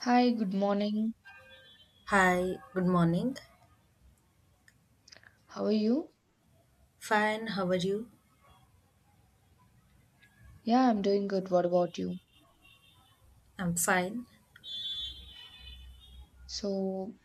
Hi, good morning. Hi, good morning. How are you? Fine, how are you? Yeah, I'm doing good. What about you? I'm fine. So,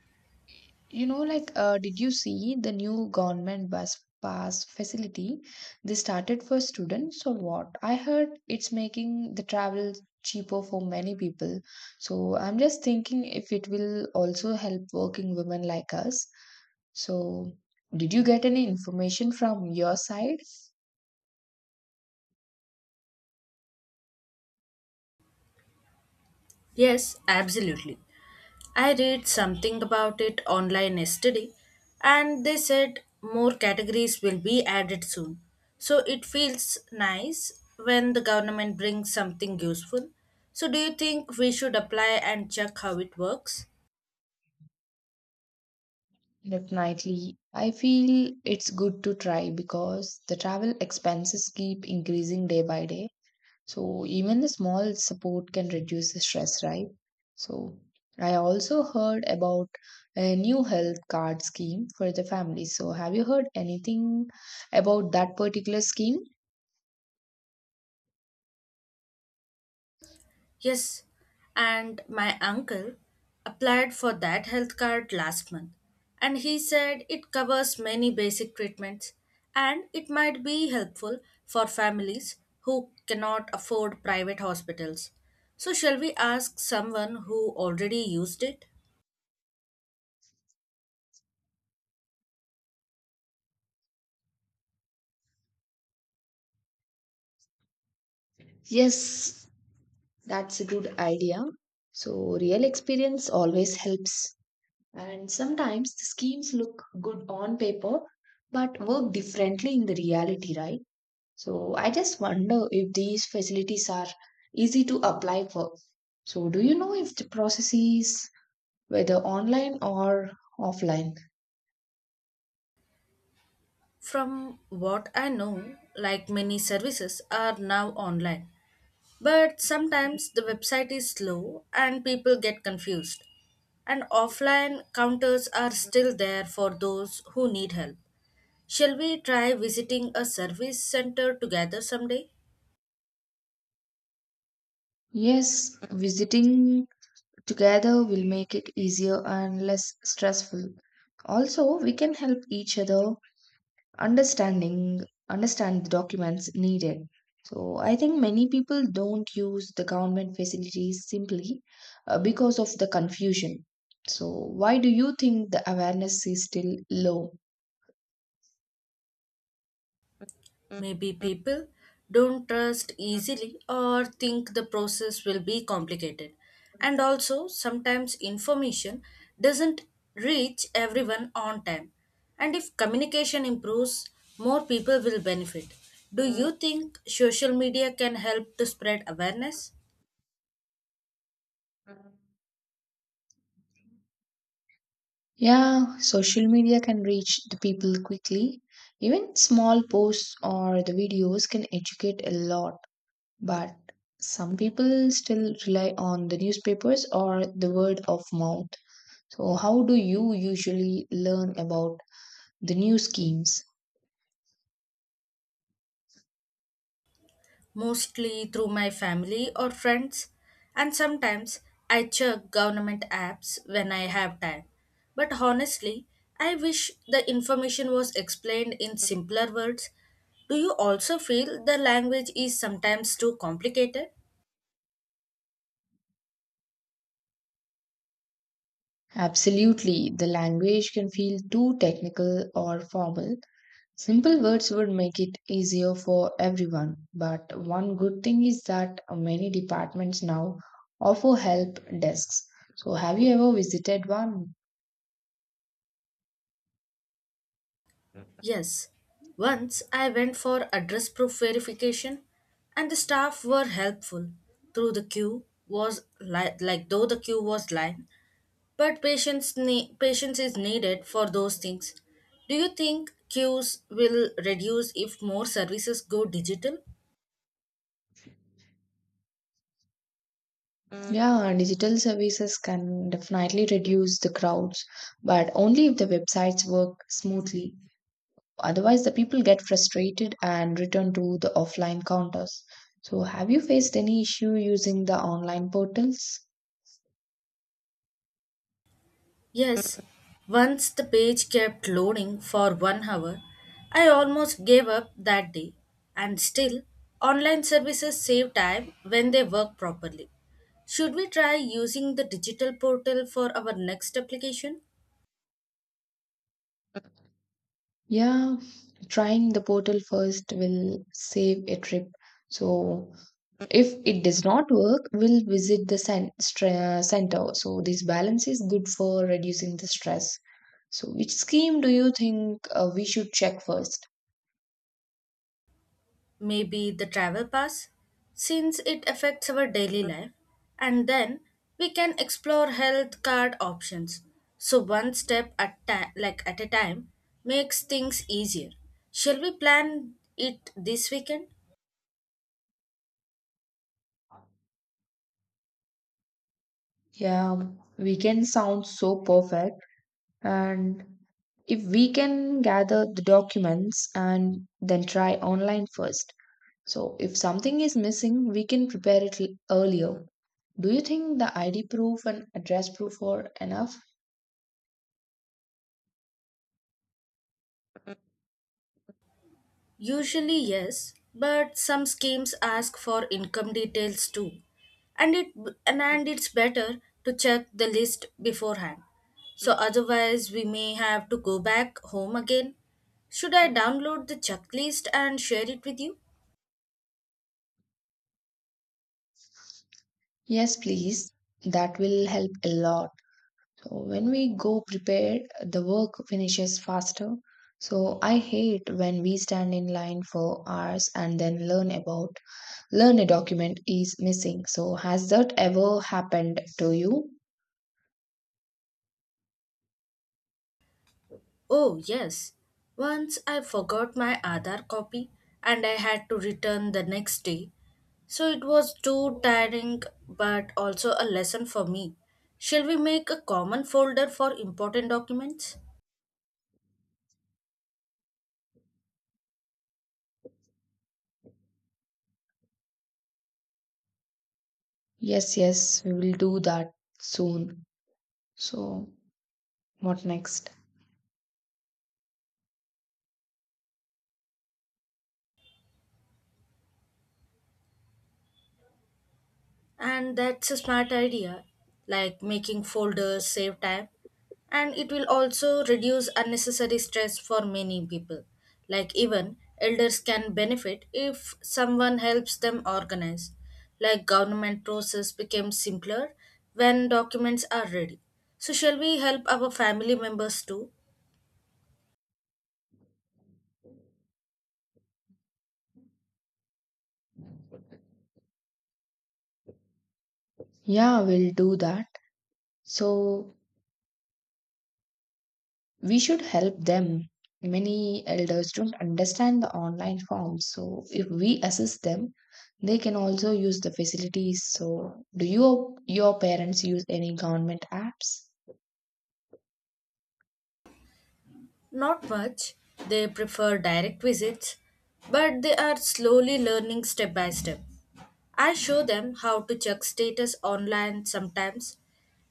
did you see the new government bus pass facility they started for students or what? I heard it's making the travel cheaper for many people. So, I'm just thinking if it will also help working women like us. So, did you get any information from your side? Yes, absolutely. I read something about it online yesterday and they said more categories will be added soon. So it feels nice when the government brings something useful. So do you think we should apply and check how it works? Definitely. I feel it's good to try because the travel expenses keep increasing day by day. So even the small support can reduce the stress, right? So I also heard about a new health card scheme for the family. So have you heard anything about that particular scheme? Yes, and my uncle applied for that health card last month, and he said it covers many basic treatments and it might be helpful for families who cannot afford private hospitals. So, shall we ask someone who already used it? Yes, that's a good idea. So real experience always helps. And sometimes the schemes look good on paper but work differently in the reality, right? So I just wonder if these facilities are easy to apply for. So do you know if the process is whether online or offline? From what I know, like many services are now online. But sometimes the website is slow and people get confused. And offline counters are still there for those who need help. Shall we try visiting a service center together someday? Yes, visiting together will make it easier and less stressful. Also, we can help each other understanding understand the documents needed. So I think many people don't use the government facilities simply, because of the confusion. So why do you think the awareness is still low? Maybe people don't trust easily or think the process will be complicated. And also, sometimes information doesn't reach everyone on time. And if communication improves, more people will benefit. Do you think social media can help to spread awareness? Yeah, social media can reach the people quickly. Even small posts or the videos can educate a lot, but some people still rely on the newspapers or the word of mouth. So, how do you usually learn about the new schemes? Mostly through my family or friends, and sometimes I check government apps when I have time. But honestly, I wish the information was explained in simpler words. Do you also feel the language is sometimes too complicated? Absolutely, the language can feel too technical or formal. Simple words would make it easier for everyone, but one good thing is that many departments now offer help desks. So, have you ever visited one? Yes. Once I went for address proof verification and the staff were helpful. Through the queue was li- like Though the queue was line. But patience is needed for those things. Do you think queues will reduce if more services go digital? Yeah, digital services can definitely reduce the crowds, but only if the websites work smoothly. Otherwise, the people get frustrated and return to the offline counters. So, have you faced any issue using the online portals? Yes. Once the page kept loading for 1 hour, I almost gave up that day. And still, online services save time when they work properly. Should we try using the digital portal for our next application? Yeah, trying the portal first will save a trip. So, if it does not work, we'll visit the center. So, this balance is good for reducing the stress. So, which scheme do you think we should check first? Maybe the travel pass, since it affects our daily life, and then we can explore health card options. So one step at ta- like at a time makes things easier. Shall we plan it this weekend? Yeah, weekend sounds so perfect. And if we can gather the documents and then try online first. So, if something is missing, we can prepare it earlier. Do you think the ID proof and address proof are enough? Usually, yes, but some schemes ask for income details too. And it and it's better to check the list beforehand. So otherwise we may have to go back home again. Should I download the checklist and share it with you? Yes, please. That will help a lot. So, when we go prepared, the work finishes faster. So, I hate when we stand in line for hours and then learn a document is missing. So, has that ever happened to you? Oh, yes. Once I forgot my Aadhaar copy and I had to return the next day. So it was too tiring but also a lesson for me. Shall we make a common folder for important documents? Yes, yes, we will do that soon. So, what next? And that's a smart idea, like making folders save time. And it will also reduce unnecessary stress for many people. Like, even elders can benefit if someone helps them organize. Like, government process becomes simpler when documents are ready. So, shall we help our family members too? Yeah, we'll do that. So, we should help them. Many elders don't understand the online forms. So, if we assist them, they can also use the facilities. So, do you your parents use any government apps? Not much. They prefer direct visits, but they are slowly learning step by step. I show them how to check status online sometimes.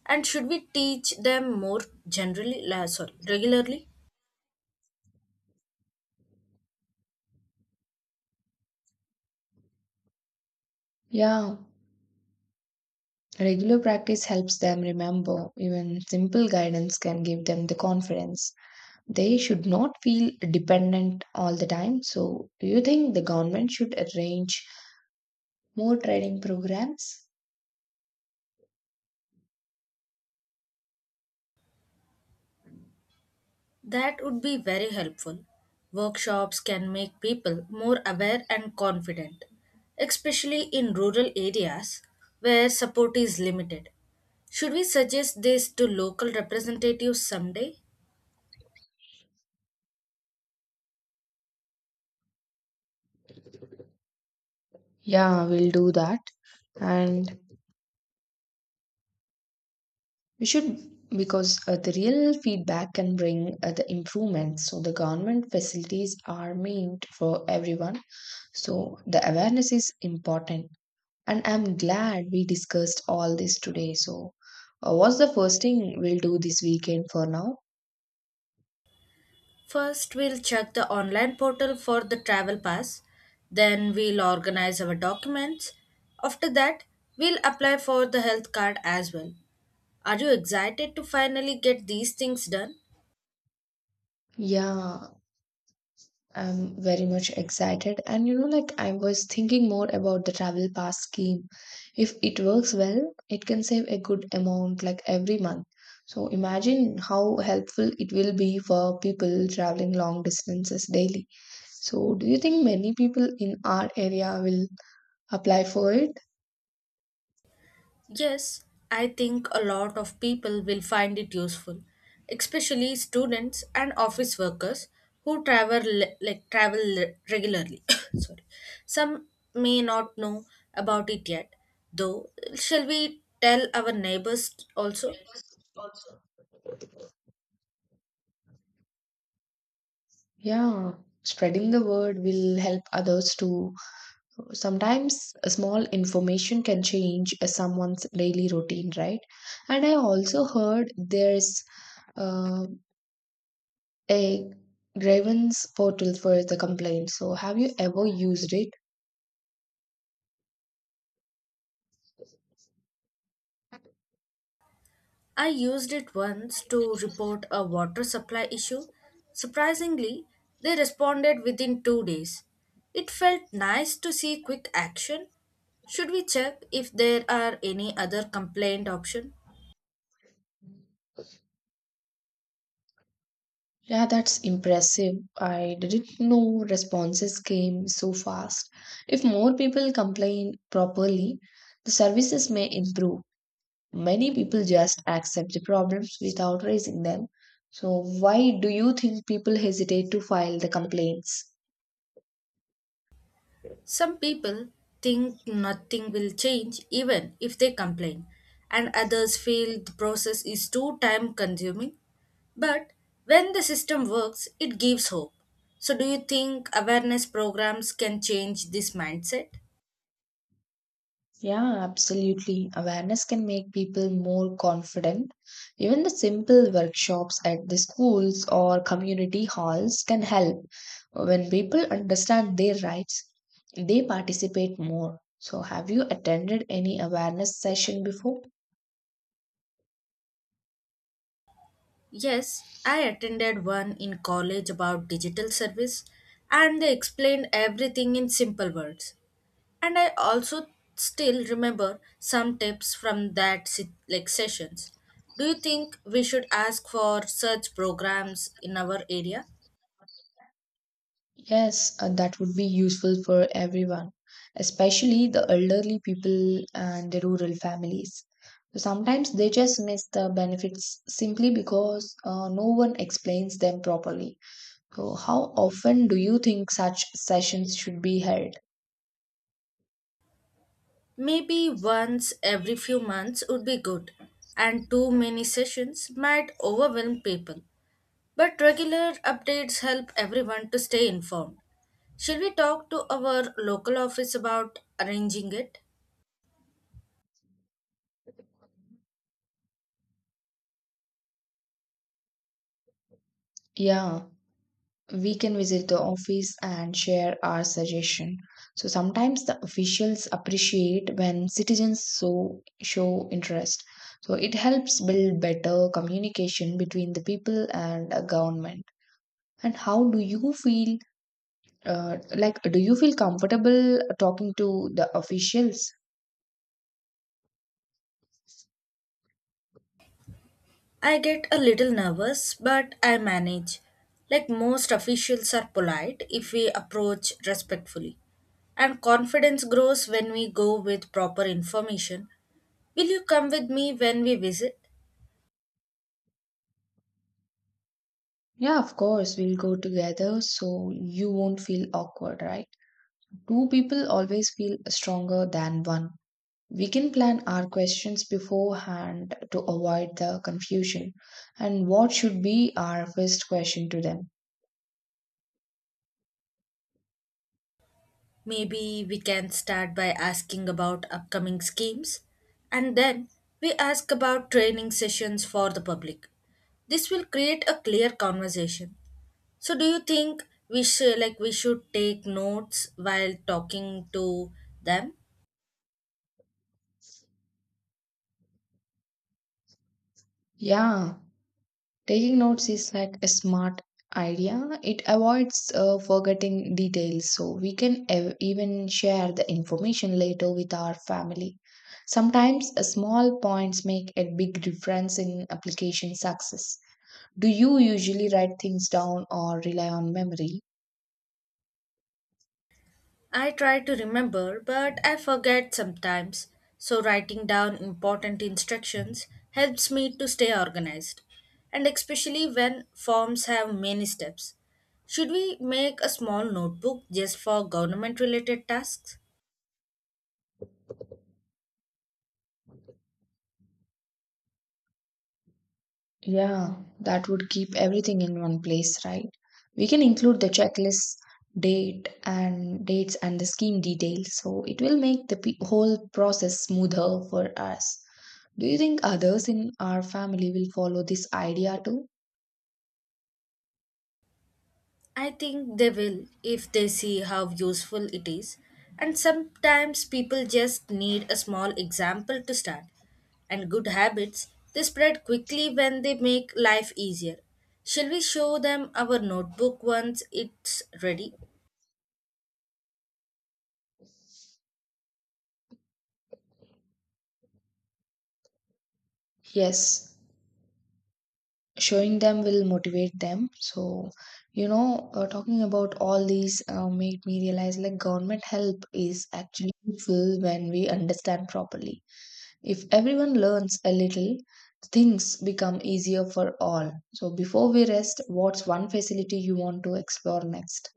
And should we teach them more regularly? Yeah, regular practice helps them remember. Even simple guidance can give them the confidence. They should not feel dependent all the time. So, do you think the government should arrange more training programs? That would be very helpful. Workshops can make people more aware and confident, especially in rural areas where support is limited. Should we suggest this to local representatives someday? Yeah, we'll do that. And we should, because the real feedback can bring the improvements. So, the government facilities are meant for everyone. So, the awareness is important. And I'm glad we discussed all this today. So, what's the first thing we'll do this weekend for now? First, we'll check the online portal for the travel pass. Then, we'll organize our documents. After that, we'll apply for the health card as well. Are you excited to finally get these things done? Yeah, I'm very much excited. And you know, like I was thinking more about the travel pass scheme. If it works well, it can save a good amount like every month. So imagine how helpful it will be for people traveling long distances daily. So do you think many people in our area will apply for it? Yes, I think a lot of people will find it useful, especially students and office workers who travel regularly. Sorry. Some may not know about it yet, though. Shall we tell our neighbors also? Also, yeah, spreading the word will help others too. Sometimes a small information can change someone's daily routine, right? And I also heard there's, uh, a grievance portal for the complaints. So have you ever used it? I used it once to report a water supply issue. Surprisingly, they responded within 2 days. It felt nice to see quick action. Should we check if there are any other complaint option? Yeah, that's impressive. I didn't know responses came so fast. If more people complain properly, the services may improve. Many people just accept the problems without raising them. So, why do you think people hesitate to file the complaints? Some people think nothing will change even if they complain, and others feel the process is too time consuming. But when the system works, it gives hope. So, do you think awareness programs can change this mindset? Yeah, absolutely. Awareness can make people more confident. Even the simple workshops at the schools or community halls can help. When people understand their rights, they participate more. So, have you attended any awareness session before? Yes, I attended one in college about digital service, and they explained everything in simple words. And I also still remember some tips from that sit- like sessions. Do you think we should ask for such programs in our area? Yes, that would be useful for everyone, especially the elderly people and the rural families. So sometimes they just miss the benefits simply because, no one explains them properly. So, how often do you think such sessions should be held? Maybe once every few months would be good, and too many sessions might overwhelm people, but regular updates help everyone to stay informed. Should we talk to our local office about arranging it? Yeah. We can visit the office and share our suggestion. So sometimes the officials appreciate when citizens so show interest. So it helps build better communication between the people and a government. And how do you feel, like do you feel comfortable talking to the officials? I get a little nervous, but I manage. Like most officials are polite if we approach respectfully. And confidence grows when we go with proper information. Will you come with me when we visit? Yeah, of course we'll go together, so you won't feel awkward, right? Two people always feel stronger than one. We can plan our questions beforehand to avoid the confusion. And what should be our first question to them? Maybe we can start by asking about upcoming schemes. And then we ask about training sessions for the public. This will create a clear conversation. So do you think we should take notes while talking to them? Yeah, taking notes is like a smart idea. It avoids forgetting details, so we can even share the information later with our family. Sometimes small points make a big difference in application success. Do you usually write things down or rely on memory? I try to remember, but I forget sometimes. So writing down important instructions helps me to stay organized. And especially when forms have many steps. Should we make a small notebook just for government related tasks? Yeah, that would keep everything in one place, right? We can include the checklist, dates and the scheme details, so it will make the whole process smoother for us. Do you think others in our family will follow this idea too? I think they will if they see how useful it is. And sometimes people just need a small example to start. And good habits, they spread quickly when they make life easier. Shall we show them our notebook once it's ready? Yes, showing them will motivate them. So, you know, talking about all these made me realize like government help is actually useful when we understand properly. If everyone learns a little, things become easier for all. So, before we rest, what's one facility you want to explore next?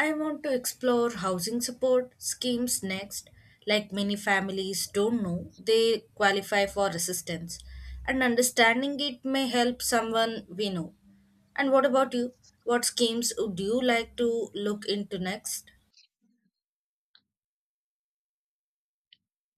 I want to explore housing support schemes next. Like many families don't know, they qualify for assistance, and understanding it may help someone we know. And what about you? What schemes would you like to look into next?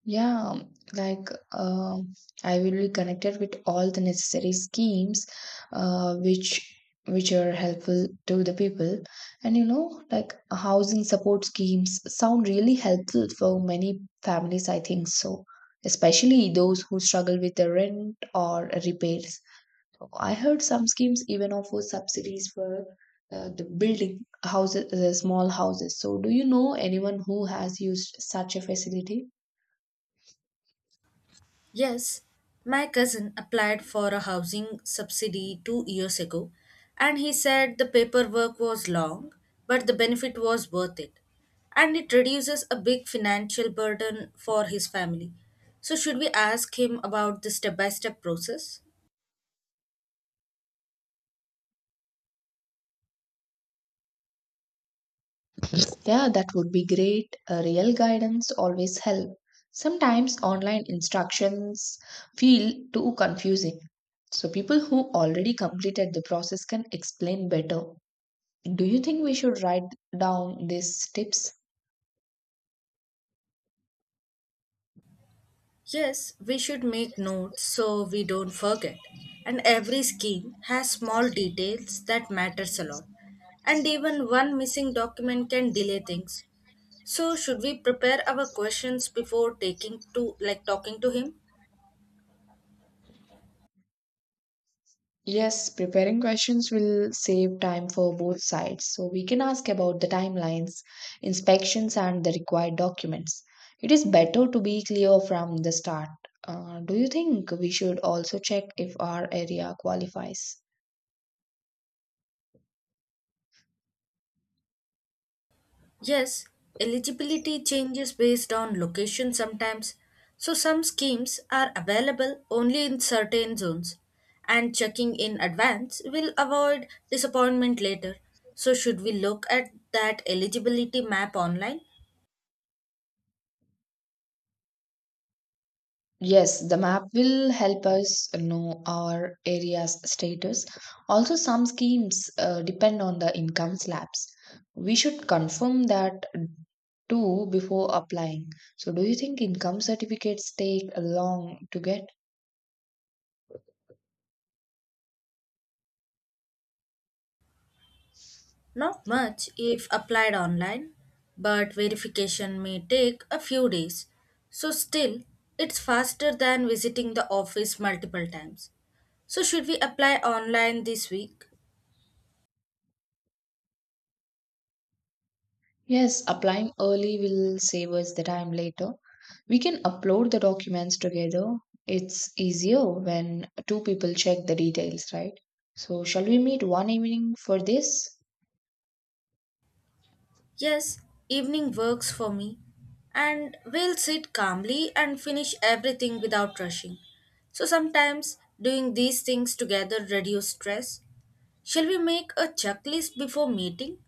Yeah, like I will be connected with all the necessary schemes, uh, which which are helpful to the people. And you know, like housing support schemes sound really helpful for many families, I think so, especially those who struggle with the rent or repairs. I heard some schemes even offer subsidies for, the building houses, small houses. So, do you know anyone who has used such a facility? Yes, my cousin applied for a housing subsidy 2 years ago, and he said the paperwork was long, but the benefit was worth it. And it reduces a big financial burden for his family. So, should we ask him about the step by step process? Yeah, that would be great. A real guidance always help. Sometimes online instructions feel too confusing. So people who already completed the process can explain better. Do you think we should write down these tips? Yes, we should make notes so we don't forget. And every scheme has small details that matters a lot. And even one missing document can delay things. So should we prepare our questions before taking to like talking to him? Yes, preparing questions will save time for both sides. So we can ask about the timelines, inspections, and the required documents. It is better to be clear from the start. Do you think we should also check if our area qualifies? Yes, eligibility changes based on location sometimes, so some schemes are available only in certain zones, and checking in advance will avoid disappointment later. So, should we look at that eligibility map online? Yes, the map will help us know our area's status. Also, some schemes depend on the income slabs. We should confirm that too before applying. So, do you think income certificates take long to get? Not much if applied online, but verification may take a few days. So, still, it's faster than visiting the office multiple times. So, should we apply online this week? Yes, applying early will save us the time later. We can upload the documents together. It's easier when two people check the details, right? So, shall we meet one evening for this? Yes, evening works for me. And we'll sit calmly and finish everything without rushing. So sometimes doing these things together reduce stress. Shall we make a checklist before meeting?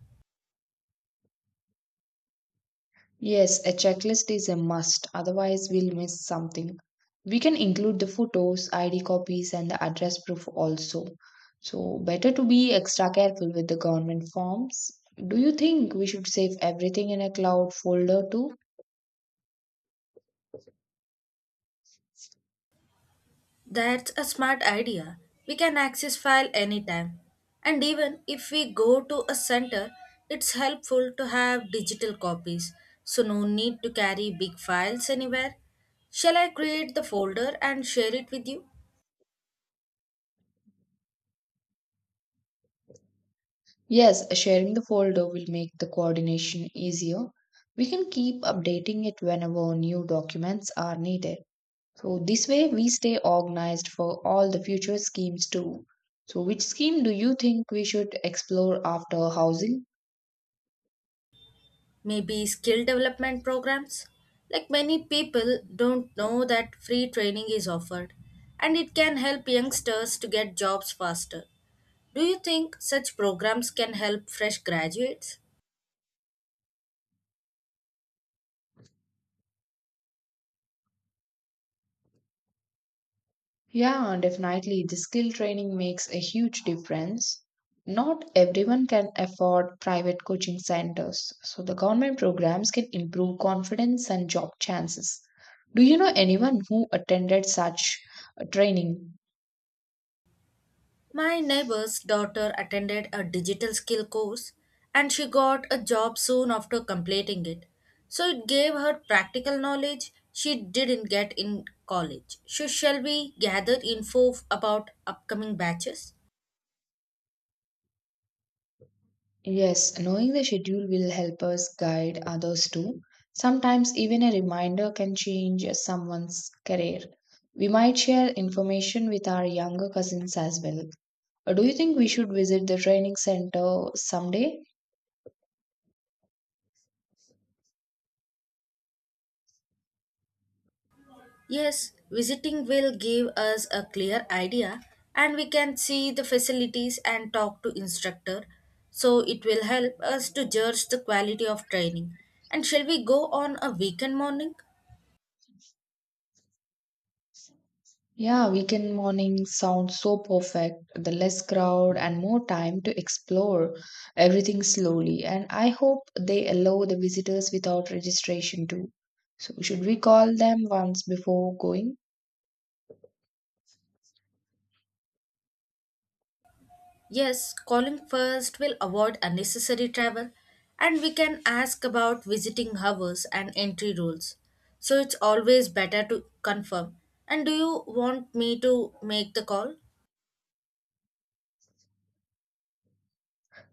Yes, a checklist is a must, otherwise, we'll miss something. We can include the photos, ID copies, and the address proof also. So, better to be extra careful with the government forms. Do you think we should save everything in a cloud folder too? That's a smart idea. We can access file anytime. And even if we go to a center, it's helpful to have digital copies. So no need to carry big files anywhere. Shall I create the folder and share it with you? Yes, sharing the folder will make the coordination easier. We can keep updating it whenever new documents are needed. So this way we stay organized for all the future schemes too. So which scheme do you think we should explore after housing? Maybe skill development programs? Like many people don't know that free training is offered and it can help youngsters to get jobs faster. Do you think such programs can help fresh graduates? Yeah, definitely the skill training makes a huge difference. Not everyone can afford private coaching centers, so the government programs can improve confidence and job chances. Do you know anyone who attended such a training? My neighbor's daughter attended a digital skill course and she got a job soon after completing it. So it gave her practical knowledge she didn't get in college. So shall we gather about upcoming batches? Yes, knowing the schedule will help us guide others too. Sometimes even a reminder can change someone's career. We might share information with our younger cousins as well. Do you think we should visit the training center someday? Yes, visiting will give us a clear idea and we can see the facilities and talk to instructor. So it will help us to judge the quality of training. And shall we go on a weekend morning? Yeah, weekend morning sounds so perfect. The less crowd and more time to explore everything slowly. And I hope they allow the visitors without registration too. So, should we call them once before going? Yes, calling first will avoid unnecessary travel and we can ask about visiting hours and entry rules. So it's always better to confirm. And do you want me to make the call?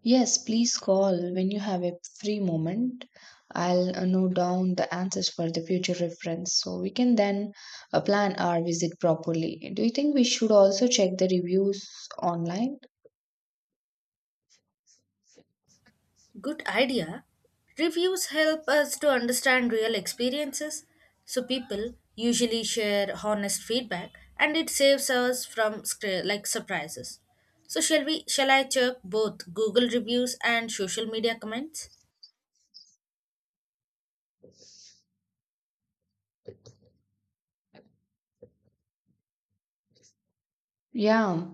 Yes, please call when you have a free moment. I'll note down the answers for the future reference, so we can then, plan our visit properly. Do you think we should also check the reviews online? Good idea. Reviews help us to understand real experiences, so people usually share honest feedback and it saves us from surprises. So shall I check both Google reviews and social media comments? Yeah,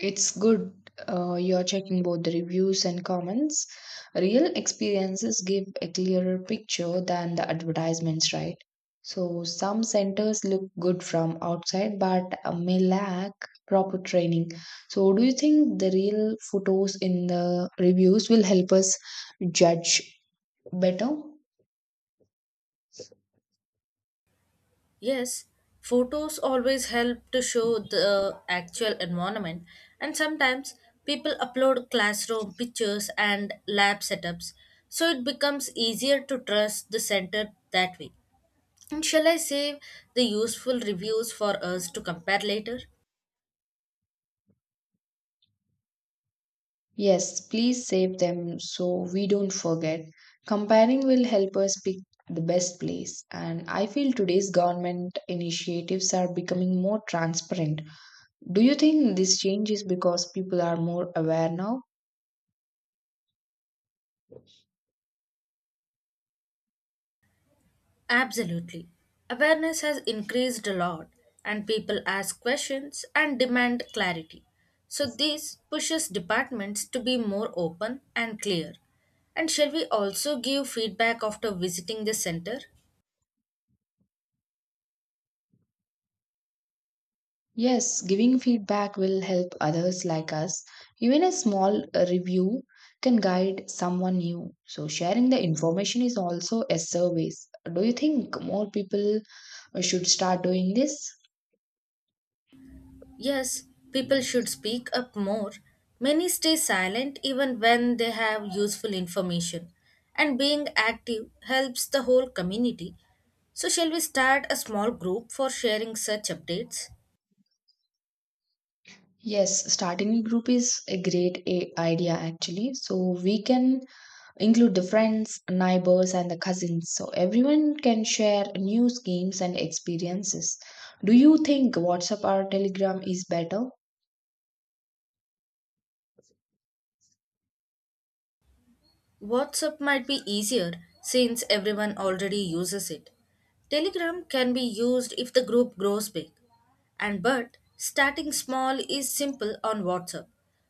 it's good you're checking both the reviews and comments. Real experiences give a clearer picture than the advertisements, right? So some centers look good from outside but may lack proper training. So do you think the real photos in the reviews will help us judge better? Yes, photos always help to show the actual environment, and sometimes people upload classroom pictures and lab setups, so it becomes easier to trust the center that way. And shall I save the useful reviews for us to compare later? Yes, please save them so we don't forget. Comparing will help us pick the best place, and I feel today's government initiatives are becoming more transparent. Do you think this change is because people are more aware now? Absolutely. Awareness has increased a lot, and people ask questions and demand clarity. So, this pushes departments to be more open and clear. And shall we also give feedback after visiting the center? Yes, giving feedback will help others like us. Even a small review can guide someone new. So, sharing the information is also a service. Do you think more people, should start doing this? Yes, people should speak up more. Many stay silent even when they have useful information. And being active helps the whole community. So, shall we start a small group for sharing such updates? Yes, starting a group is a great idea actually. So we can include the friends, neighbors, and the cousins. So everyone can share new schemes and experiences. Do you think WhatsApp or Telegram is better? WhatsApp might be easier since everyone already uses it. Telegram can be used if the group grows big. And but starting small is simple on WhatsApp.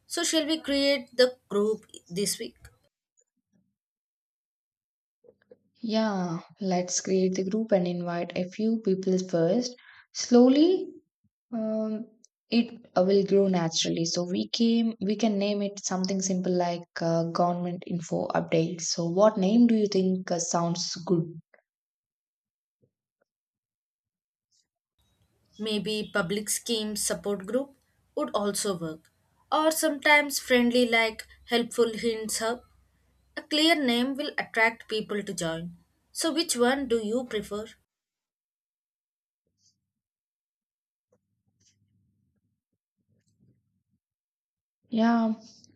So, shall we create the group this week? Yeah, let's create the group and invite a few people first. Slowly, um, it will grow naturally. So we can name it something simple like government info update. So what name do you think sounds good? Maybe public schemes support group would also work. Or sometimes friendly like helpful hints hub. A clear name will attract people to join. So which one do you prefer? Yeah,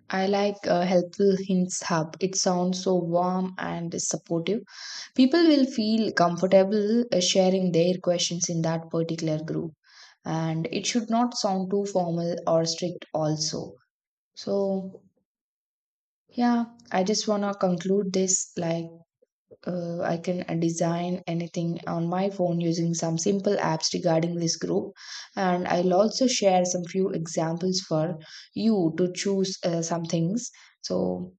I like, Helpful Hints Hub. It sounds so warm and supportive. People will feel comfortable sharing their questions in that particular group. And it should not sound too formal or strict, also. So, yeah, I just want to conclude this like, I can design anything on my phone using some simple apps regarding this group. And I'll also share some few examples for you to choose some things. So,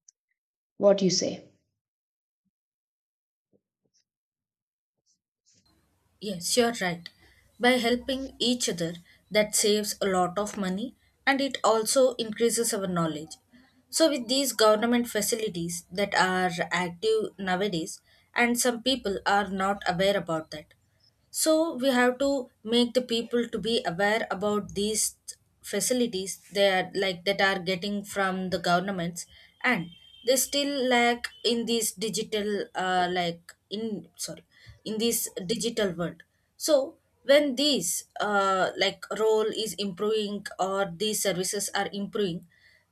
what you say? Yes, you're right. By helping each other, that saves a lot of money and it also increases our knowledge. So, with these government facilities that are active nowadays, and some people are not aware about that. So, we have to make the people to be aware about these facilities they are like that are getting from the governments, and they still lack in these digital in this digital world. So when these like role is improving or these services are improving,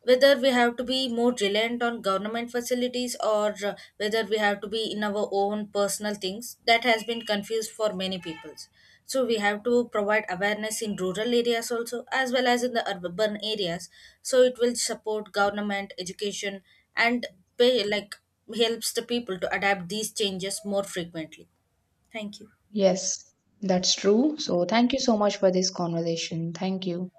whether we have to be more reliant on government facilities or whether we have to be in our own personal things that has been confused for many peoples. So we have to provide awareness in rural areas also as well as in the urban areas. So it will support government education and pay like helps the people to adapt these changes more frequently. Thank you. Yes, that's true. So, thank you so much for this conversation. Thank you.